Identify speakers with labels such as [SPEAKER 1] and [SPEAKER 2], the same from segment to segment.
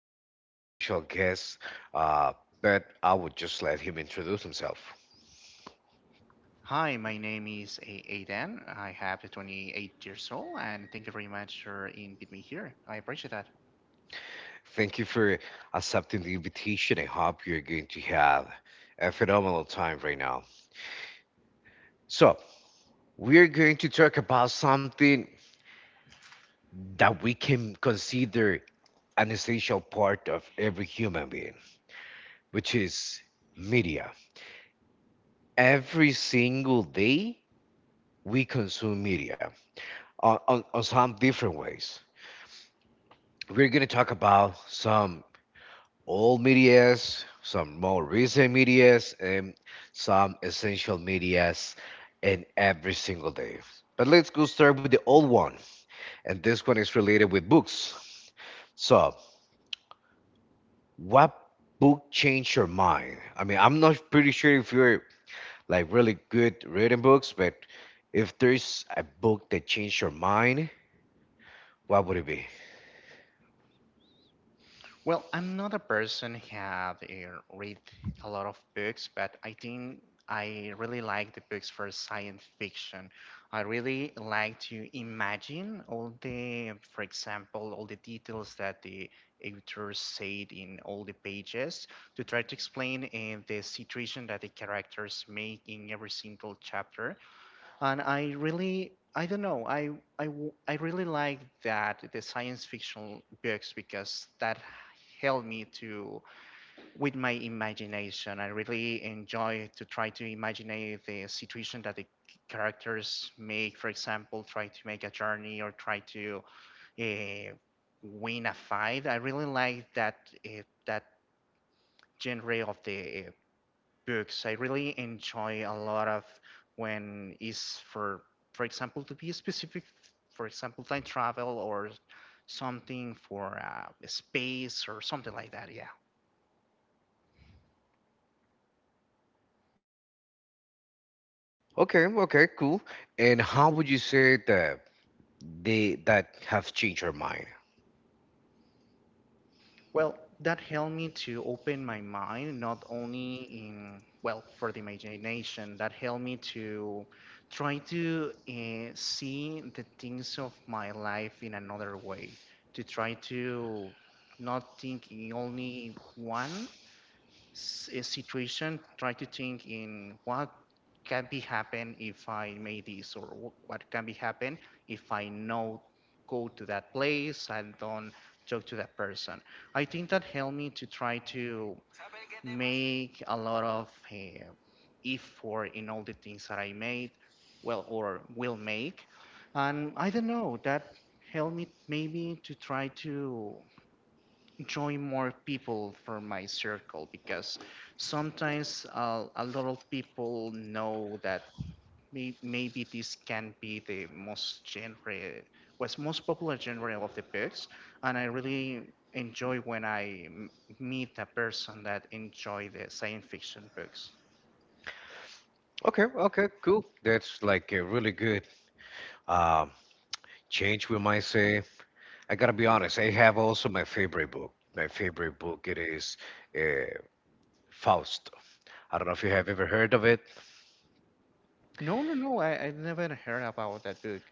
[SPEAKER 1] we have a special guest, uh, but I would just let him introduce himself.
[SPEAKER 2] Hi, my name is Aiden. I have 28 years old, and thank you very much for inviting me here. I appreciate that.
[SPEAKER 1] Thank you for accepting the invitation. I hope you're going to have a phenomenal time right now. So, we're going to talk about something that we can consider an essential part of every human being, which is media. Every single day, we consume media on some different ways. We're going to talk about some old medias, some more recent medias, and some essential medias in every single day. But let's go start with the old one. And this one is related with books. So, what book changed your mind? I mean, I'm not pretty sure if you're like really good reading books, but if there's a book that changed your mind, what would it be?
[SPEAKER 2] Well, I'm not a person who have read a lot of books, but I think I really like the books for science fiction. I really like to imagine for example, all the details that the author said in all the pages to try to explain the situation that the characters make in every single chapter. And I really, I don't know, I really like that the science fiction books because that helped me to with my imagination. I really enjoy to try to imagine the situation that the characters make. For example, try to make a journey or try to uh, win a fight. I really like that genre of the books. I really enjoy a lot of when is for example, to be specific, for example time travel or something for space or something like that. Yeah.
[SPEAKER 1] Okay, okay, cool. And how would you say that they that have changed her mind.
[SPEAKER 2] Well, that helped me to open my mind not only in, well, for the imagination. That helped me to try to see the things of my life in another way. To try to not think in only a situation, try to think in what can be happen if I made this, or what can be happen if I know go to that place and don't talk to that person. I think that helped me to try to make a lot of effort in all the things that I made, well, or will make. And I don't know, that helped me maybe to try to join more people from my circle because sometimes a lot of people know that maybe this can be the most popular genre of the books. And I really enjoy when I meet a person that enjoy the science fiction books.
[SPEAKER 1] Okay, okay, cool. That's like a really good um, change, we might say. I gotta be honest. I have also my favorite book. My favorite book it is uh, Faust. I don't know if you have ever heard of it.
[SPEAKER 2] No, no, no, I never heard about that book.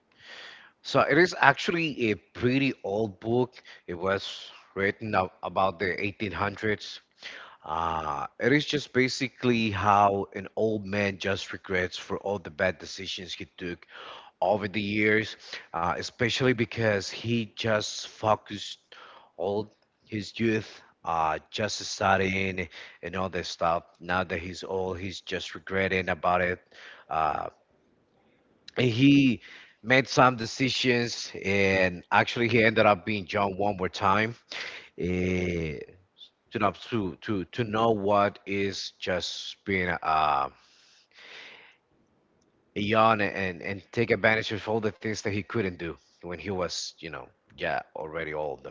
[SPEAKER 1] So it is actually a pretty old book. It was written about the 1800s. Ah, it is just basically how an old man just regrets for all the bad decisions he took over the years, especially because he just focused all his youth just studying and all that stuff. Now that he's old, he's just regretting about it. Uh, and he made some decisions, and actually, he ended up being John one more time. Eh, to know to know what is just being a yawn and take advantage of all the things that he couldn't do when he was yeah already old.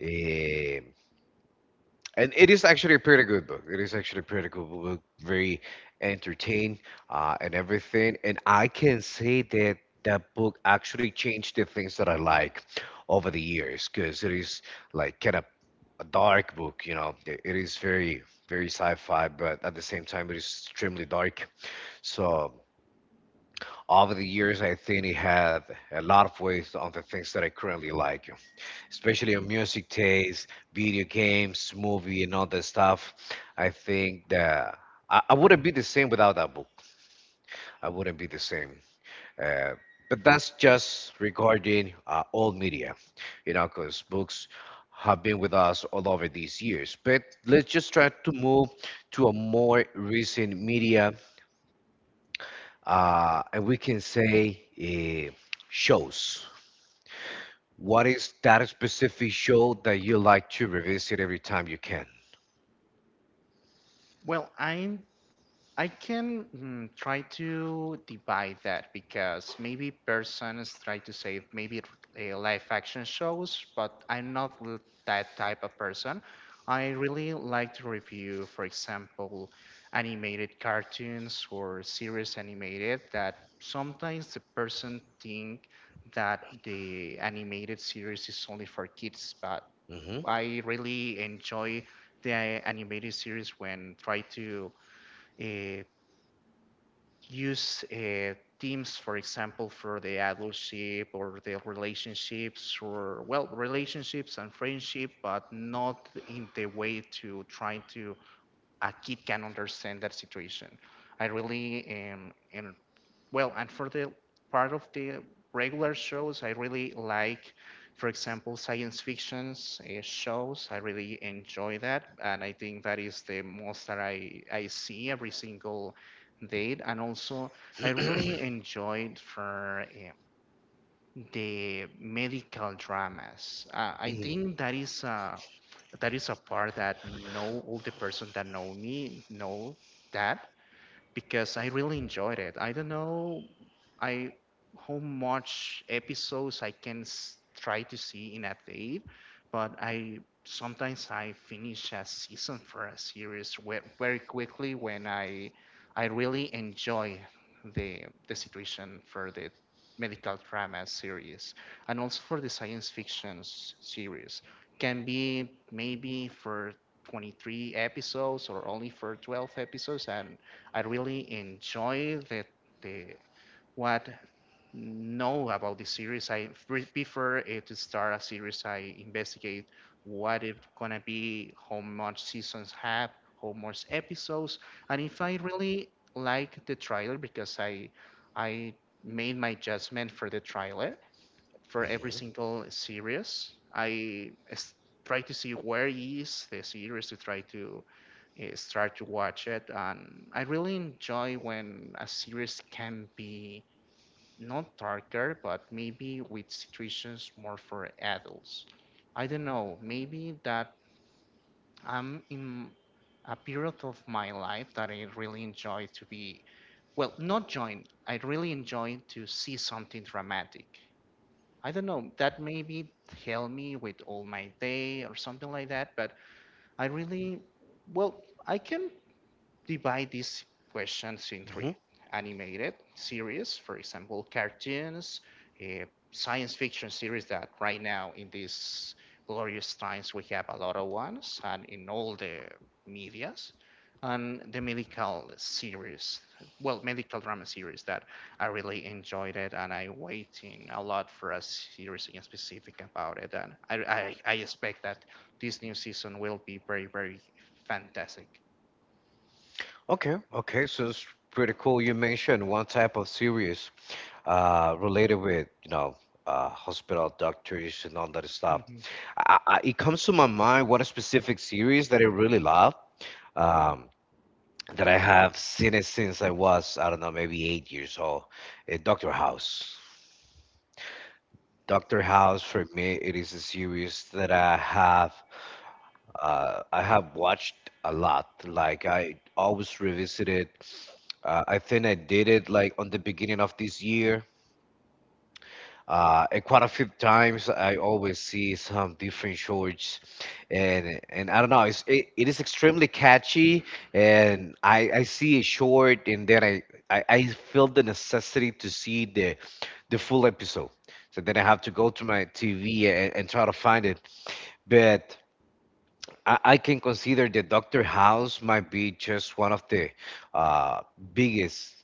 [SPEAKER 1] Eh, And it is actually a pretty good book. It is actually a pretty good book, very entertaining and everything. And I can say that that book actually changed the things that I like over the years because it is like kind of a dark book. It is very, very sci-fi, but at the same time, it is extremely dark. So over the years, I think it had a lot of ways on the things that I currently like, especially on music taste, video games, movie, and all that stuff. I think that I wouldn't be the same without that book. I wouldn't be the same. Uh, but that's just regarding all media, you know, because books have been with us all over these years. But let's just try to move to a more recent media and we can say shows. What is that specific show that you like to revisit every time you can?
[SPEAKER 2] Well, I can try to divide that because maybe persons try to say maybe live action shows, but I'm not that type of person. I really like to review, for example, animated cartoons or series animated that sometimes the person think that the animated series is only for kids, but
[SPEAKER 1] Hmm.
[SPEAKER 2] I really enjoy the animated series when try to uh, use teams, for example, for the adultship or the relationships or, well, relationships and friendship, but not in the way to trying to a kid can understand that situation. I really am, well, and for the part of the regular shows, I really like, for example, science fictions shows. I really enjoy that, and I think that is the most that I see every single day. And also, I really enjoyed for the medical dramas. I
[SPEAKER 1] Hmm.
[SPEAKER 2] think that is a part that know all the person that know me know that because I really enjoyed it. I don't know I how much episodes I can try to see in a day, but I sometimes I finish a season for a series very quickly when I really enjoy the situation for the medical drama series and also for the science fiction series can be maybe for 23 episodes or only for 12 episodes. And I really enjoy the what know about the series. I prefer to start a series. I investigate what it gonna be, how much seasons have, how much episodes, and if I really like the trailer because I made my judgment for the trailer for every single series. I try to see where is the series to try to start to watch it, and I really enjoy when a series can be not darker, but maybe with situations more for adults. I don't know, maybe that I'm in a period of my life that I really enjoy to be, well, not join. I really enjoy to see something dramatic. I don't know, that maybe help me with all my day or something like that, but I really, well, I can divide these questions in three
[SPEAKER 1] Hmm.
[SPEAKER 2] animated series, for example, cartoons, eh, science fiction series that right now in these glorious times we have a lot of ones and in all the medias, and the medical series, well, medical drama series that I really enjoyed it, and I am waiting a lot for a series in specific about it, and I expect that this new season will be very very fantastic.
[SPEAKER 1] Okay, okay, so it's pretty cool. You mentioned one type of series related with, you know, hospital doctors and all that stuff. It comes to my mind what a specific series that I really love. Um, that I have seen it since I was, I don't know, maybe 8 years old, Doctor House. Doctor House for me it is a series that I have watched a lot. Like I always revisit it. I think I did it like on the beginning of this year, and quite a few times, I always see some different shorts, and I don't know. It is extremely catchy, and I see a short, and then I feel the necessity to see the full episode. So then I have to go to my TV and try to find it. But I can consider that Doctor House might be just one of the uh, biggest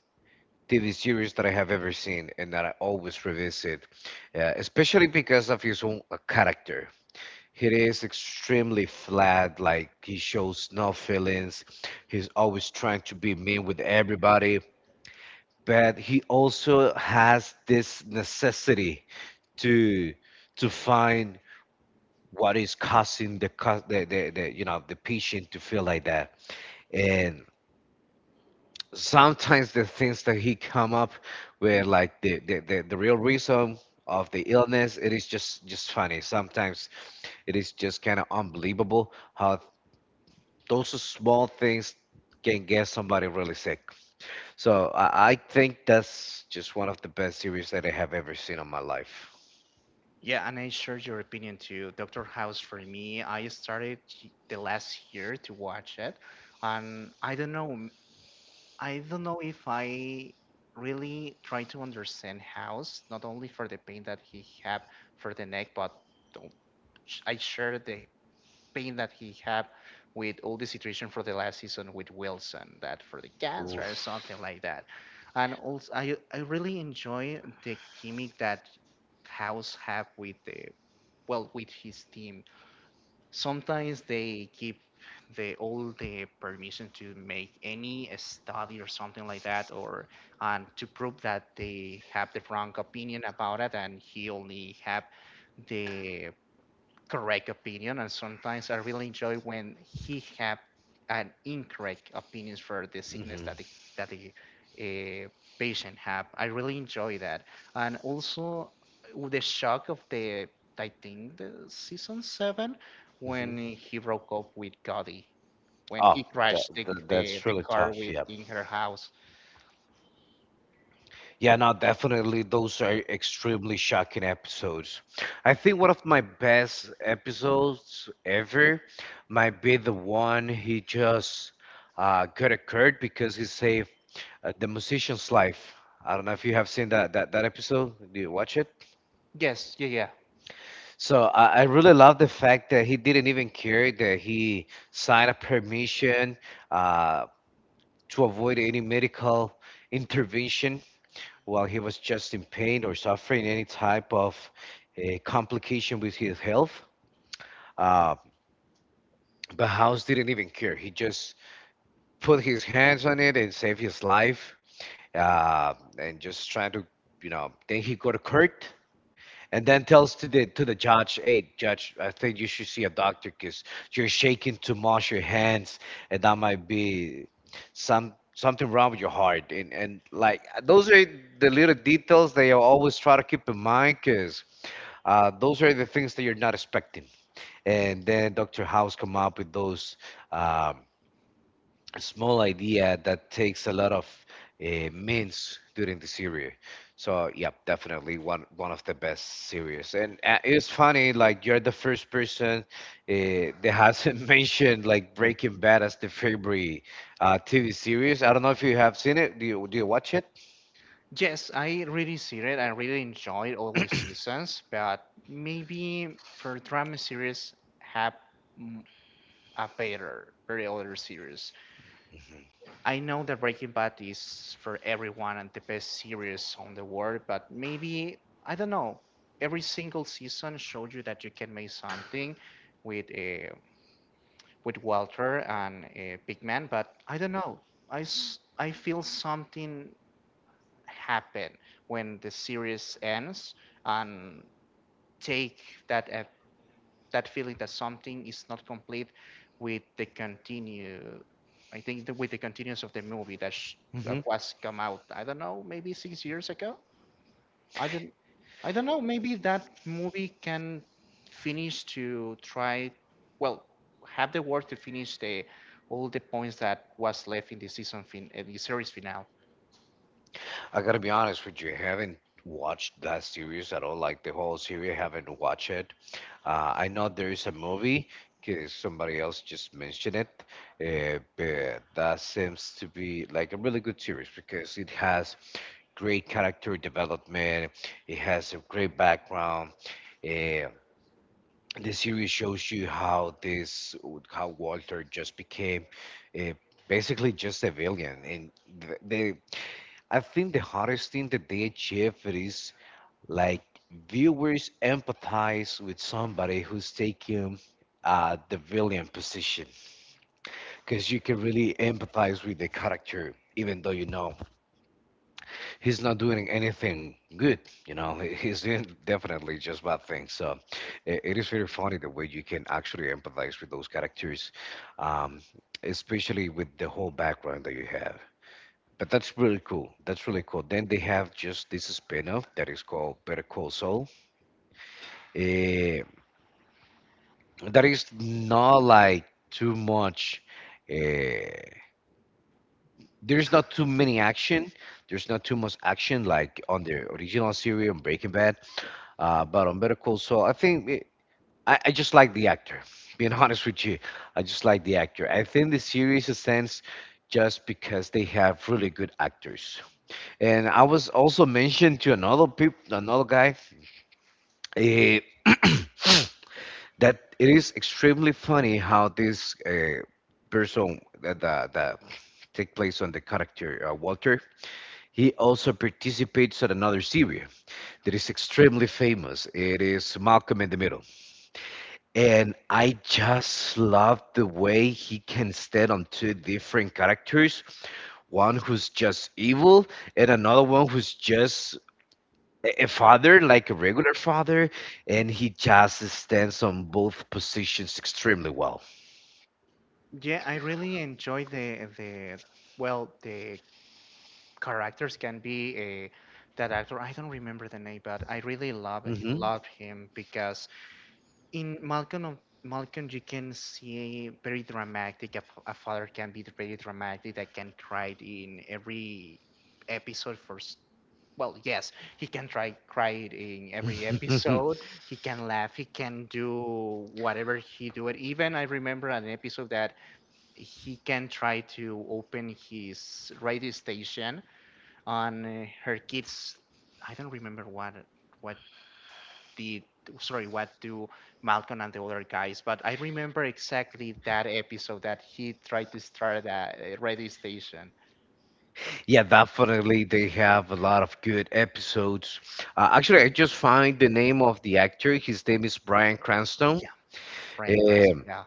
[SPEAKER 1] TV series that I have ever seen and that I always revisit, especially because of his own character. He is extremely flat, like he shows no feelings. He's always trying to be mean with everybody, but he also has this necessity to to find what is causing the you know the patient to feel like that. And sometimes the things that he come up with like the real reason of the illness it is just funny sometimes it is just kind of unbelievable how those small things can get somebody really sick so I think that's just one of the best series that I have ever seen in my life.
[SPEAKER 2] Yeah, and I share your opinion too. Doctor House, for me, I started the last year to watch it, and I don't know, I don't know if I really try to understand House, not only for the pain that he had for the neck, but the- I shared the pain that he had with all the situation for the last season with Wilson, that for the cancer or
[SPEAKER 1] Oof.
[SPEAKER 2] something like that. And also, I really enjoy the gimmick that House have with the, well, with his team. Sometimes they give the all the permission to make any study or something like that, or and to prove that they have the wrong opinion about it, and he only have the correct opinion. And sometimes I really enjoy when he have an incorrect opinions for the sickness
[SPEAKER 1] Hmm.
[SPEAKER 2] that the uh, patient have. I really enjoy that, and also the shock of the, I think, the season 7 when
[SPEAKER 1] Hmm.
[SPEAKER 2] he broke up with Gotti, when
[SPEAKER 1] Oh,
[SPEAKER 2] he crashed the, the,
[SPEAKER 1] that's
[SPEAKER 2] the
[SPEAKER 1] really
[SPEAKER 2] car
[SPEAKER 1] tough.
[SPEAKER 2] with
[SPEAKER 1] Yeah.
[SPEAKER 2] in her house.
[SPEAKER 1] Yeah, no, definitely. Those are extremely shocking episodes. I think one of my best episodes ever might be the one he just got occurred because he saved the musician's life. I don't know if you have seen that episode. Do you watch it?
[SPEAKER 2] Yes, yeah, yeah,
[SPEAKER 1] So I really love the fact that he didn't even care that he signed a permission uh, to avoid any medical intervention while he was just in pain or suffering any type of complication with his health. Uh, but House didn't even care. He just put his hands on it and saved his life, and just trying to, you know. Then he got hurt. And then tells to the judge, "Hey, judge, I think you should see a doctor because you're shaking too much your hands, and that might be some something wrong with your heart." And like those are the little details that you always try to keep in mind because those are the things that you're not expecting. And then Dr. House come up with those um small idea that takes a lot of means during the series. So yeah, definitely one of the best series. And it's funny, like you're the first person uh, that hasn't mentioned like Breaking Bad as the favorite TV series. I don't know if you have seen it. Do you watch it?
[SPEAKER 2] yes, I really see it. I really enjoyed all the seasons, but maybe for drama series have mm, a better, very older series. I know that Breaking Bad is for everyone and the best series on the world, but maybe I don't know. Every single season showed you that you can make something with uh, with Walter and Big Man, but I don't know. I feel something happen when the series ends and take that that feeling that something is not complete with the continue, I think, with the continuance of the movie that was come out, I don't know, maybe 6 years ago. I don't i don't know, maybe that movie can finish to try, well, have the work to finish the all the points that was left in the series finale.
[SPEAKER 1] I gotta be honest with you, I haven't watched that series at all. Like the whole series, I haven't watched it. I know there is a movie because somebody else just mentioned it, but that seems to be like a really good series because it has great character development. It has a great background. Uh, the series shows you how how Walter just became uh, basically just a villain, and they I think the hardest thing that they achieve it is like viewers empathize with somebody who's taking the villain position because you can really empathize with the character even though you know he's not doing anything good you know he's doing definitely just bad things so it is very funny the way you can actually empathize with those characters. um, Especially with the whole background that you have. But that's really cool. That's really cool. Then they have just this spin-off that is called Better Call Saul. Eh, that is not like too much. eh, there's not too many action. There's not too much action like on the original series on Breaking Bad. But on Better Call Saul, I think it, I just like the actor. Being honest with you, I just like the actor. I think the series stands just because they have really good actors. And I was also mentioned to another peop another guy, eh, that it is extremely funny how this person that take place on the character Walter, he also participates on another series that is extremely famous. It is Malcolm in the Middle, and I just love the way he can stand on two different characters. One who's just evil and another one who's just a father, like a regular father, and he just stands on both positions extremely well.
[SPEAKER 2] Yeah, I really enjoy the, well, the characters can be a that actor. I don't remember the name, but I really love
[SPEAKER 1] Hmm.
[SPEAKER 2] love him because in Malcolm of Malcolm you can see very dramatic. A father can be very dramatic. That can cry in every episode well, yes, he can try cry it in every episode. He can laugh. He can do whatever he do it. Even I remember an episode that he can try to open his radio station on her kids. I don't remember what did, sorry, what do Malcolm and the other guys, but I remember exactly that episode that he tried to start a radio station.
[SPEAKER 1] Yeah, definitely, they have a lot of good episodes. Actually, I just find the name of the actor. His name is Bryan Cranston.
[SPEAKER 2] Yeah, Brian Cranston.
[SPEAKER 1] Um,
[SPEAKER 2] Yeah,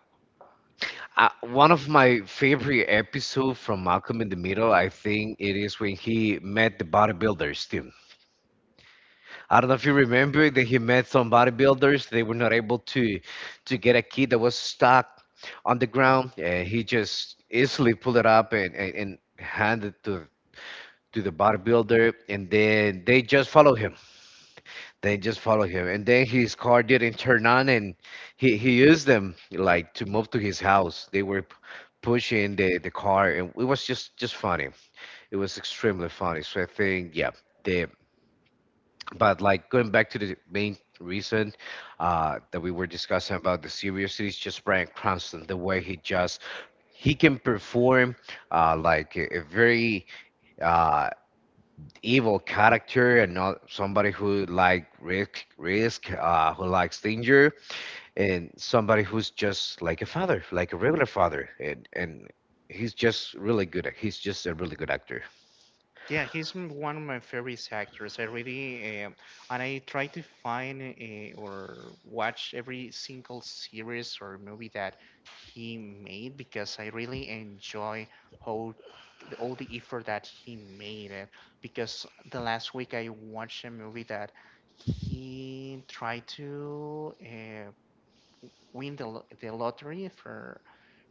[SPEAKER 1] One of my favorite episodes from Malcolm in the Middle, I think it is when he met the bodybuilder, Steve. I don't know if you remember that he met some bodybuilders. They were not able to get a kid that was stuck on the ground. And he just easily pulled it up and handed to the bodybuilder and then they just follow him. They just follow him. And then his car didn't turn on and he used them like to move to his house. They were pushing the car and it was just funny. It was extremely funny. So I think, yeah, the but like going back to the main reason that we were discussing about the seriousness, is just Bryan Cranston, the way he can perform like a very uh, evil character and not somebody who risk risk who likes danger and somebody who's just like a father, like a regular father, and he's just really good. He's just a really good actor.
[SPEAKER 2] yeah, he's one of my favorite actors. I really and I try to find or watch every single series or movie that he made because I really enjoy how all the effort that he made it. Because the last week I watched a movie that he tried to win the lottery for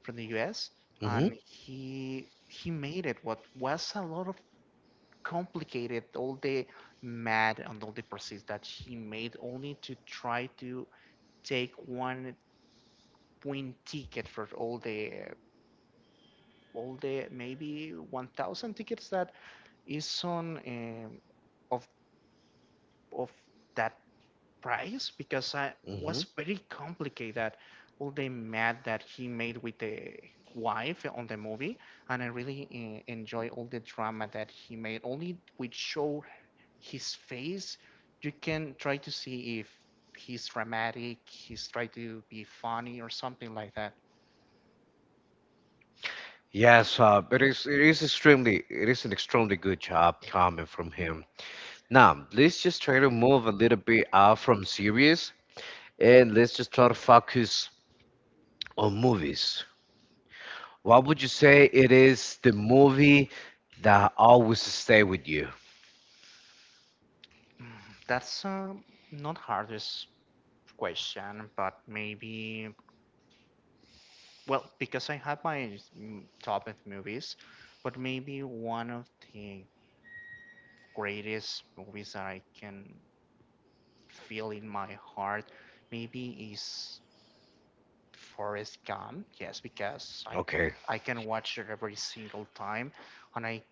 [SPEAKER 2] from the U.S.,
[SPEAKER 1] Hmm.
[SPEAKER 2] and he made it. What was a lot of complicated, all the math, and all the process that he made, only to try to take one point ticket for all the maybe 1,000 tickets that is on of of that price because I was very complicated. All the math that he made with the wife on the movie, and I really enjoy all the drama that he made, only which show his face, you can try to see if he's dramatic, he's trying to be funny or something like that.
[SPEAKER 1] Yes, it is. It is extremely. It is an extremely good job coming from him. Now, let's just try to move a little bit out from series and let's just try to focus on movies. What would you say it is the movie that always stay with you?
[SPEAKER 2] Mm, That's not hardest question, but maybe, well, because I have my top of movies, but maybe one of the greatest movies that I can feel in my heart maybe is Forrest Gump. Yes, because I
[SPEAKER 1] Okay.
[SPEAKER 2] I can watch it every single time, and I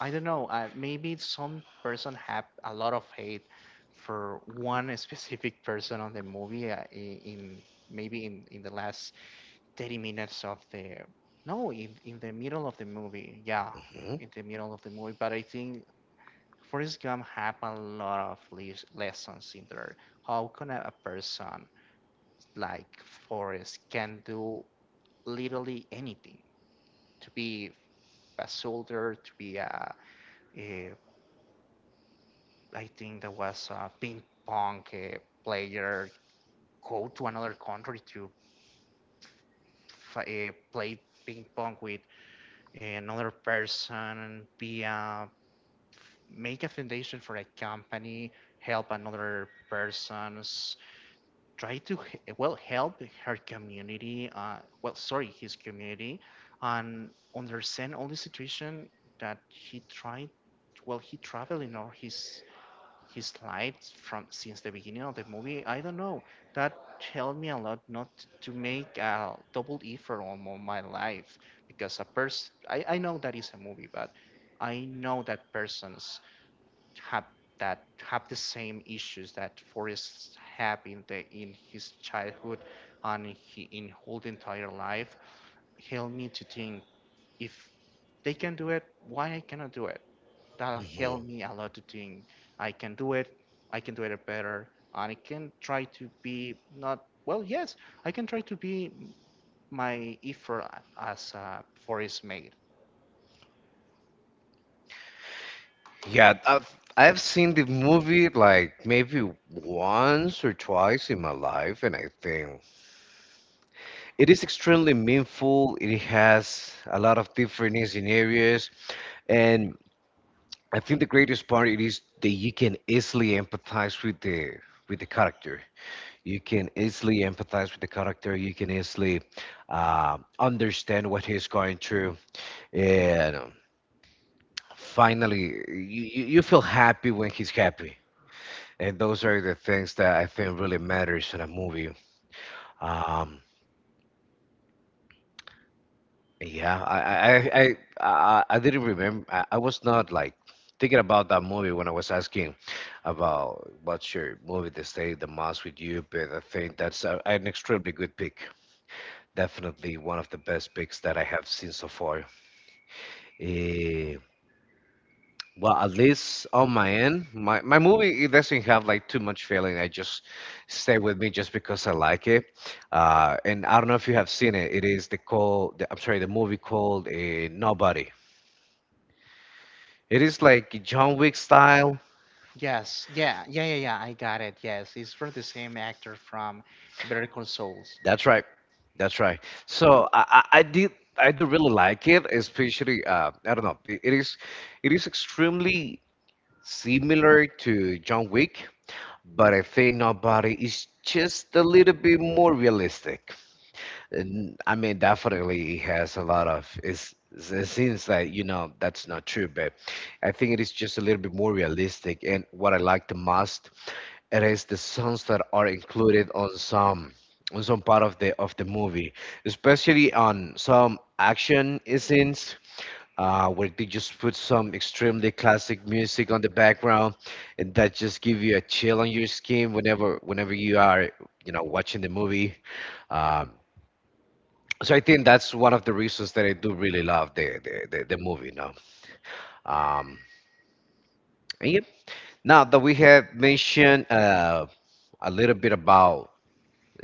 [SPEAKER 2] I don't know. Maybe some person have a lot of hate for one specific person on the movie in maybe in the last 30 minutes of the no in the middle of the movie, yeah,
[SPEAKER 1] Mhm,
[SPEAKER 2] in the middle of the movie. But I think Forrest Gump have a lot of lessons in there. How can a person like Forrest can do literally anything to be a soldier, to be a I think that was a ping pong player, go to another country to play ping pong with another person, be a make a foundation for a company, help another persons, try to well, help her community, well, sorry, his community, and understand all the situation that he tried. Well, he traveled in all his life from since the beginning of the movie. I don't know. That helped me a lot not to make a double effort on my life because a person I know that is a movie, but I know that persons have that have the same issues that Forrest had in the in his childhood and he, in whole entire life. Helped me to think, if they can do it, why I cannot do it? That'll
[SPEAKER 1] mhm.
[SPEAKER 2] help me a lot to think I can do it, I can do it better, and I can try to be not well. Yes, I can try to be my effort as for is made.
[SPEAKER 1] Yeah, I've seen the movie like maybe once or twice in my life, and I think it is extremely meaningful. It has a lot of different scenarios. And I think the greatest part it is that you can easily empathize with the character. You can easily empathize with the character. You can easily understand what he's going through, and finally, you feel happy when he's happy. And those are the things that I think really matters in a movie. Um, Yeah, I didn't remember. I was not like thinking about that movie when I was asking about what's your movie that stayed the most with you. But I think that's a, an extremely good pick. Definitely one of the best picks that I have seen so far. Eh, well, at least on my end, my movie, it doesn't have like too much feeling. I just stay with me just because I like it. And I don't know if you have seen it. It is the call. I'm sorry, the movie called Nobody. It is like John Wick style.
[SPEAKER 2] Yes, yeah, yeah, yeah, yeah. I got it. Yes, it's from the same actor from Better Call Souls.
[SPEAKER 1] That's right. That's right. So I, I did I do really like it, especially I don't know. It is extremely similar to John Wick, but I think Nobody is just a little bit more realistic. Definitely it has a lot of, it seems like, you know, that's not true, but I think it is just a little bit more realistic. And what I like the most, it is the songs that are included on some, part of the, movie, especially on some action scenes where they just put some extremely classic music on the background, and that just give you a chill on your skin whenever, you are, you know, watching the movie. Um, so I think that's one of the reasons that I do really love the movie. No, um, and yeah. Now that we have mentioned a little bit about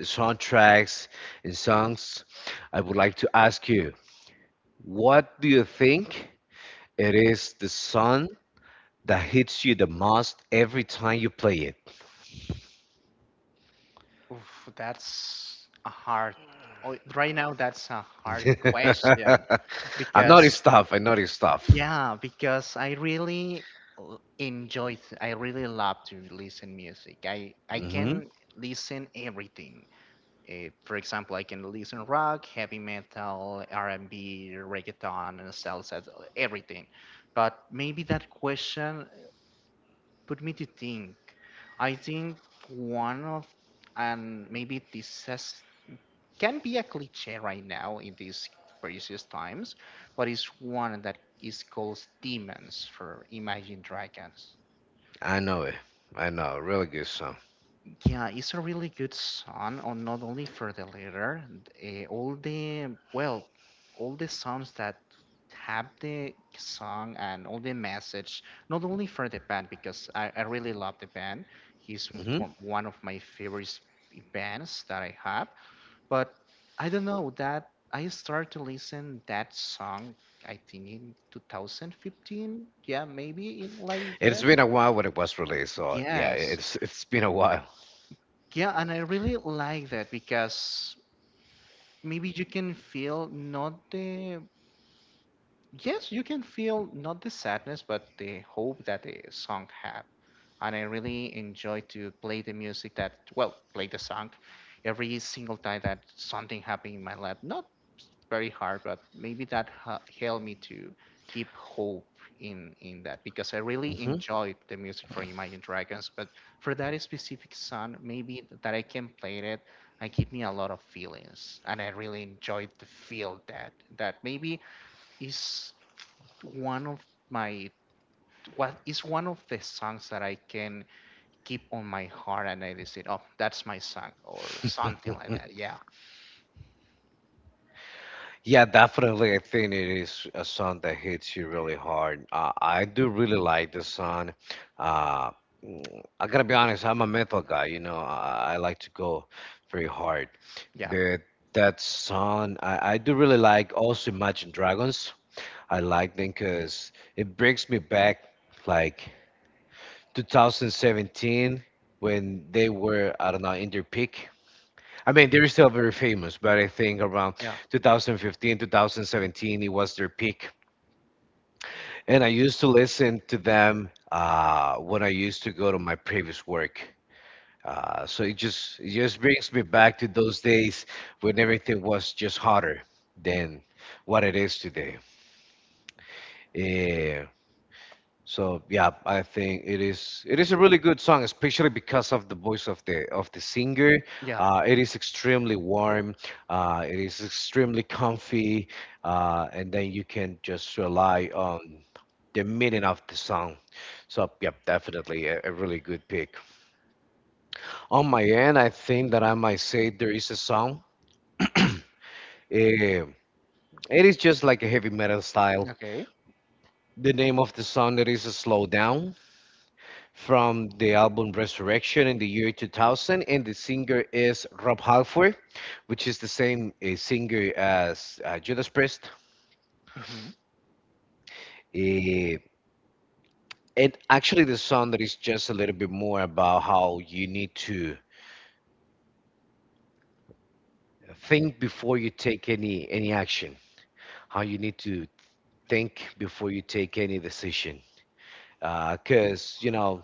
[SPEAKER 1] soundtracks and songs, I would like to ask you, what do you think it is the song that hits you the most every time you play it?
[SPEAKER 2] Oof, that's a hard. Oh, right now, that's a hard question
[SPEAKER 1] I
[SPEAKER 2] because
[SPEAKER 1] know this stuff. I know this stuff.
[SPEAKER 2] yeah, because I really enjoy, I really love to listen music. I
[SPEAKER 1] Hmm,
[SPEAKER 2] can listen everything. For example, I can listen rock, heavy metal, R&B, reggaeton, and salsa, everything. But maybe that question put me to think. I think one of, and maybe this has can be a cliche right now in these precious times, but it's one that is called Demons for Imagine Dragons.
[SPEAKER 1] I know it. I know. Really good song.
[SPEAKER 2] Yeah, it's a really good song, on not only for the letter, all the well, all the songs that have the song and all the message, not only for the band because I really love the band. He's
[SPEAKER 1] Mhm.
[SPEAKER 2] from one of my favorite bands that I have, but I don't know that I started to listen that song I think in 2015. Yeah, maybe in like yeah.
[SPEAKER 1] It's been a while when it was released, so yeah,
[SPEAKER 2] Yes.
[SPEAKER 1] it's been a while.
[SPEAKER 2] Yeah, and I really like that because maybe you can feel not the yes, you can feel not the sadness, but the hope that the song had. And I really enjoy to play the music that, well, play the song every single time that something happened in my life. Not very hard, but maybe that helped me to keep hope in that because I really
[SPEAKER 1] Mhm.
[SPEAKER 2] enjoyed the music for Imagine Dragons. But for that specific song, maybe that I can play it, I give me a lot of feelings, and I really enjoyed the feel that that maybe is one of my what is one of the songs that I can keep on my heart and I decide, oh, that's my song or something like that. Yeah,
[SPEAKER 1] Yeah, definitely. I think it is a song that hits you really hard. I do really like this song. Uh, I gotta be honest, I'm a metal guy, you know, I like to go very hard.
[SPEAKER 2] yeah,
[SPEAKER 1] But that song, I do really like also Imagine Dragons. I like them because it brings me back, like, 2017 when they were, I don't know, in their peak. I mean, they're still very famous, but I think around
[SPEAKER 2] yeah,
[SPEAKER 1] 2015, 2017 it was their peak. And I used to listen to them when I used to go to my previous work. So it just brings me back to those days when everything was just hotter than what it is today. Eh, so yeah, I think it is, a really good song, especially because of the voice of the, singer.
[SPEAKER 2] yeah.
[SPEAKER 1] It is extremely warm. It is extremely comfy, and then you can just rely on the meaning of the song. So yep, definitely a really good pick. On my end, I think that I might say there is a song. Eh, it is just like a heavy metal style.
[SPEAKER 2] Okay.
[SPEAKER 1] The name of the song, it is a "slow Down", from the album Resurrection in the year 2000, and the singer is Rob Halford, which is the same singer as Judas Priest.
[SPEAKER 2] Hmm.
[SPEAKER 1] Eh, and actually, the song that is just a little bit more about how you need to think before you take any action, how you need to think before you take any decision, because you know,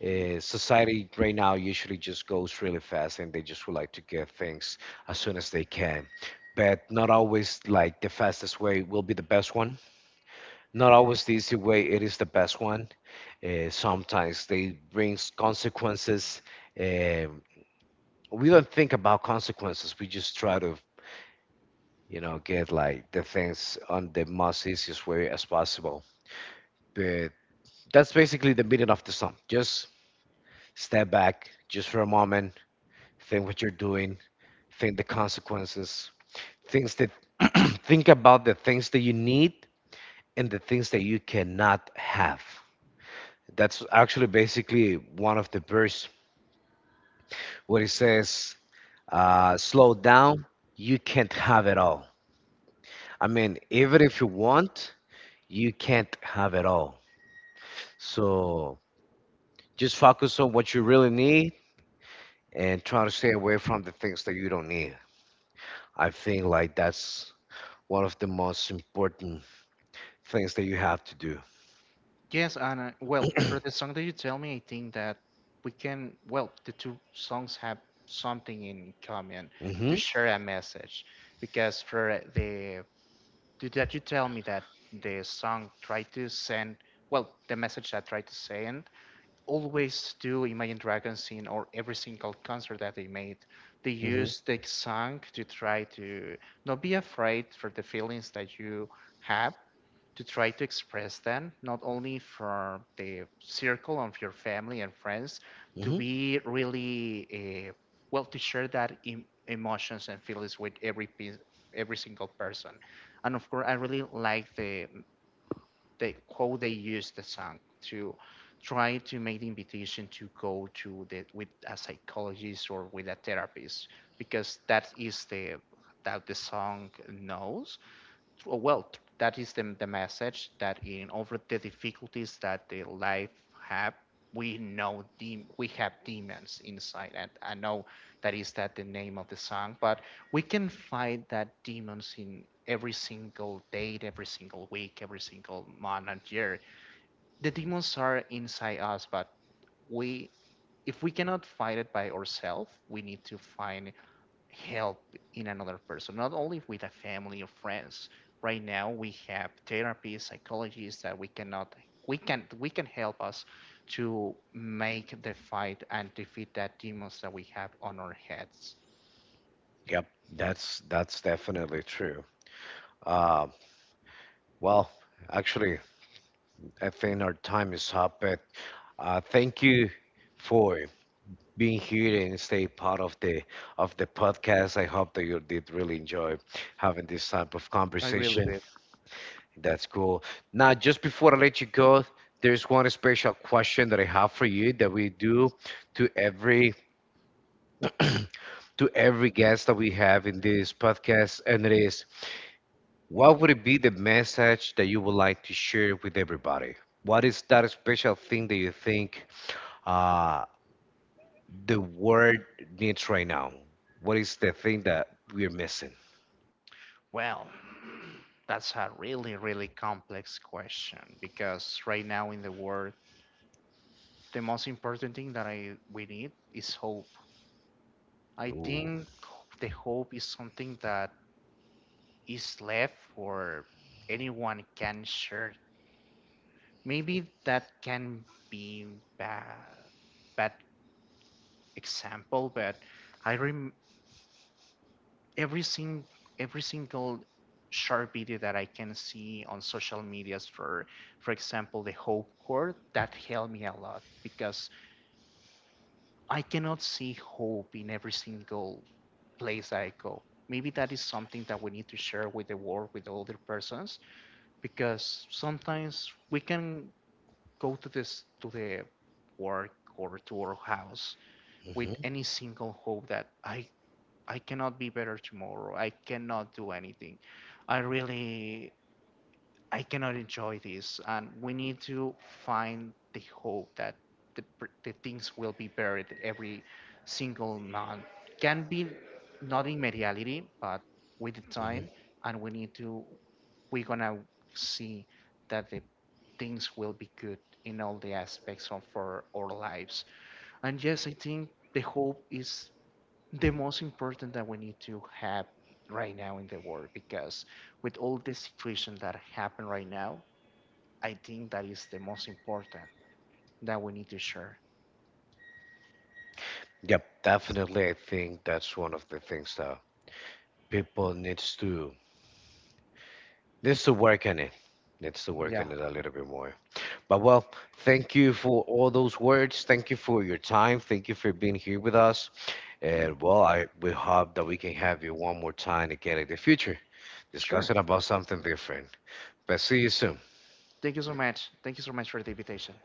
[SPEAKER 1] Society right now usually just goes really fast and they just would like to get things as soon as they can. But not always like the fastest way will be the best one. Not always the easy way, it is the best one. Sometimes they brings consequences. Um, we don't think about consequences. We just try to, you know, get like the things on the most easiest way as possible. But that's basically the meaning of the song. Just step back, just for a moment, think what you're doing, think the consequences, things that think about the things that you need and the things that you cannot have. That's actually basically one of the verse where it says, slow down, you can't have it all. I mean, even if you want, you can't have it all. So just focus on what you really need and try to stay away from the things that you don't need. I think like that's one of the most important things that you have to do.
[SPEAKER 2] Yes, and well, for the song that you tell me, I think that we can. Well, the two songs have something in common to
[SPEAKER 1] Hmm,
[SPEAKER 2] share a message, because for the did that you tell me that the song tried to send, well, the message that tried to send, always do Imagine Dragons in or every single concert that they made. They
[SPEAKER 1] hmm,
[SPEAKER 2] used the song to try to not be afraid for the feelings that you have, to try to express them, not only for the circle of your family and friends, to
[SPEAKER 1] hmm.
[SPEAKER 2] be really uh, well, to share that emotions and feelings with every every single person. And of course, I really like the how they use the song to try to make the invitation to go to the with a psychologist or with a therapist because that is the that the song knows well, that is the message that in over the difficulties that the life have, we know we have demons inside. And I know that is that the name of the song, but we can find that demons in every single day, every single week, every single month and year. The demons are inside us, but we if we cannot fight it by ourselves, we need to find help in another person, not only with a family or friends. Right now, we have therapists, psychologists that we cannot, we can help us to make the fight and defeat that demons that we have on our heads.
[SPEAKER 1] Yep, that's definitely true. Uh, well, actually, I think our time is up, but thank you for being here and stay part of the, podcast. I hope that you did really enjoy having this type of
[SPEAKER 2] I really
[SPEAKER 1] conversation.
[SPEAKER 2] did.
[SPEAKER 1] That's cool. Now, just before I let you go, there's one special question that I have for you that we do to every to every guest that we have in this podcast, and it is, what would it be the message that you would like to share with everybody? What is that special thing that you think uh, the world needs right now? What is the thing that we're missing?
[SPEAKER 2] Well, that's a really, really complex question because right now in the world, the most important thing that I we need is hope. I
[SPEAKER 1] Ooh.
[SPEAKER 2] think the hope is something that is left for anyone can share. Maybe that can be bad bad example, but I rem every sing every single short video that I can see on social medias for example the hope court that helped me a lot because I cannot see hope in every single place that I go. Maybe that is something that we need to share with the world, with other persons, because sometimes we can go to this to the work or to our house with
[SPEAKER 1] Hmm,
[SPEAKER 2] any single hope that I cannot be better tomorrow. I cannot do anything. I really I cannot enjoy this. And we need to find the hope that the, the things will be buried every single month. Can be not in materiality, but with the time.
[SPEAKER 1] hmm.
[SPEAKER 2] And we need to, we're gonna see that the things will be good in all the aspects of our lives. And yes, I think the hope is the most important that we need to have right now in the world because with all the situation that happen right now, I think that is the most important that we need to share.
[SPEAKER 1] Yep, definitely. I think that's one of the things that people needs to, work on it. Needs to work
[SPEAKER 2] Yeah,
[SPEAKER 1] on it a little bit more. But well, thank you for all those words. Thank you for your time. Thank you for being here with us. And well, I we hope that we can have you one more time again in the future,
[SPEAKER 2] sure.
[SPEAKER 1] discussing about something different. But see you soon.
[SPEAKER 2] Thank you so much. Thank you so much for the invitation.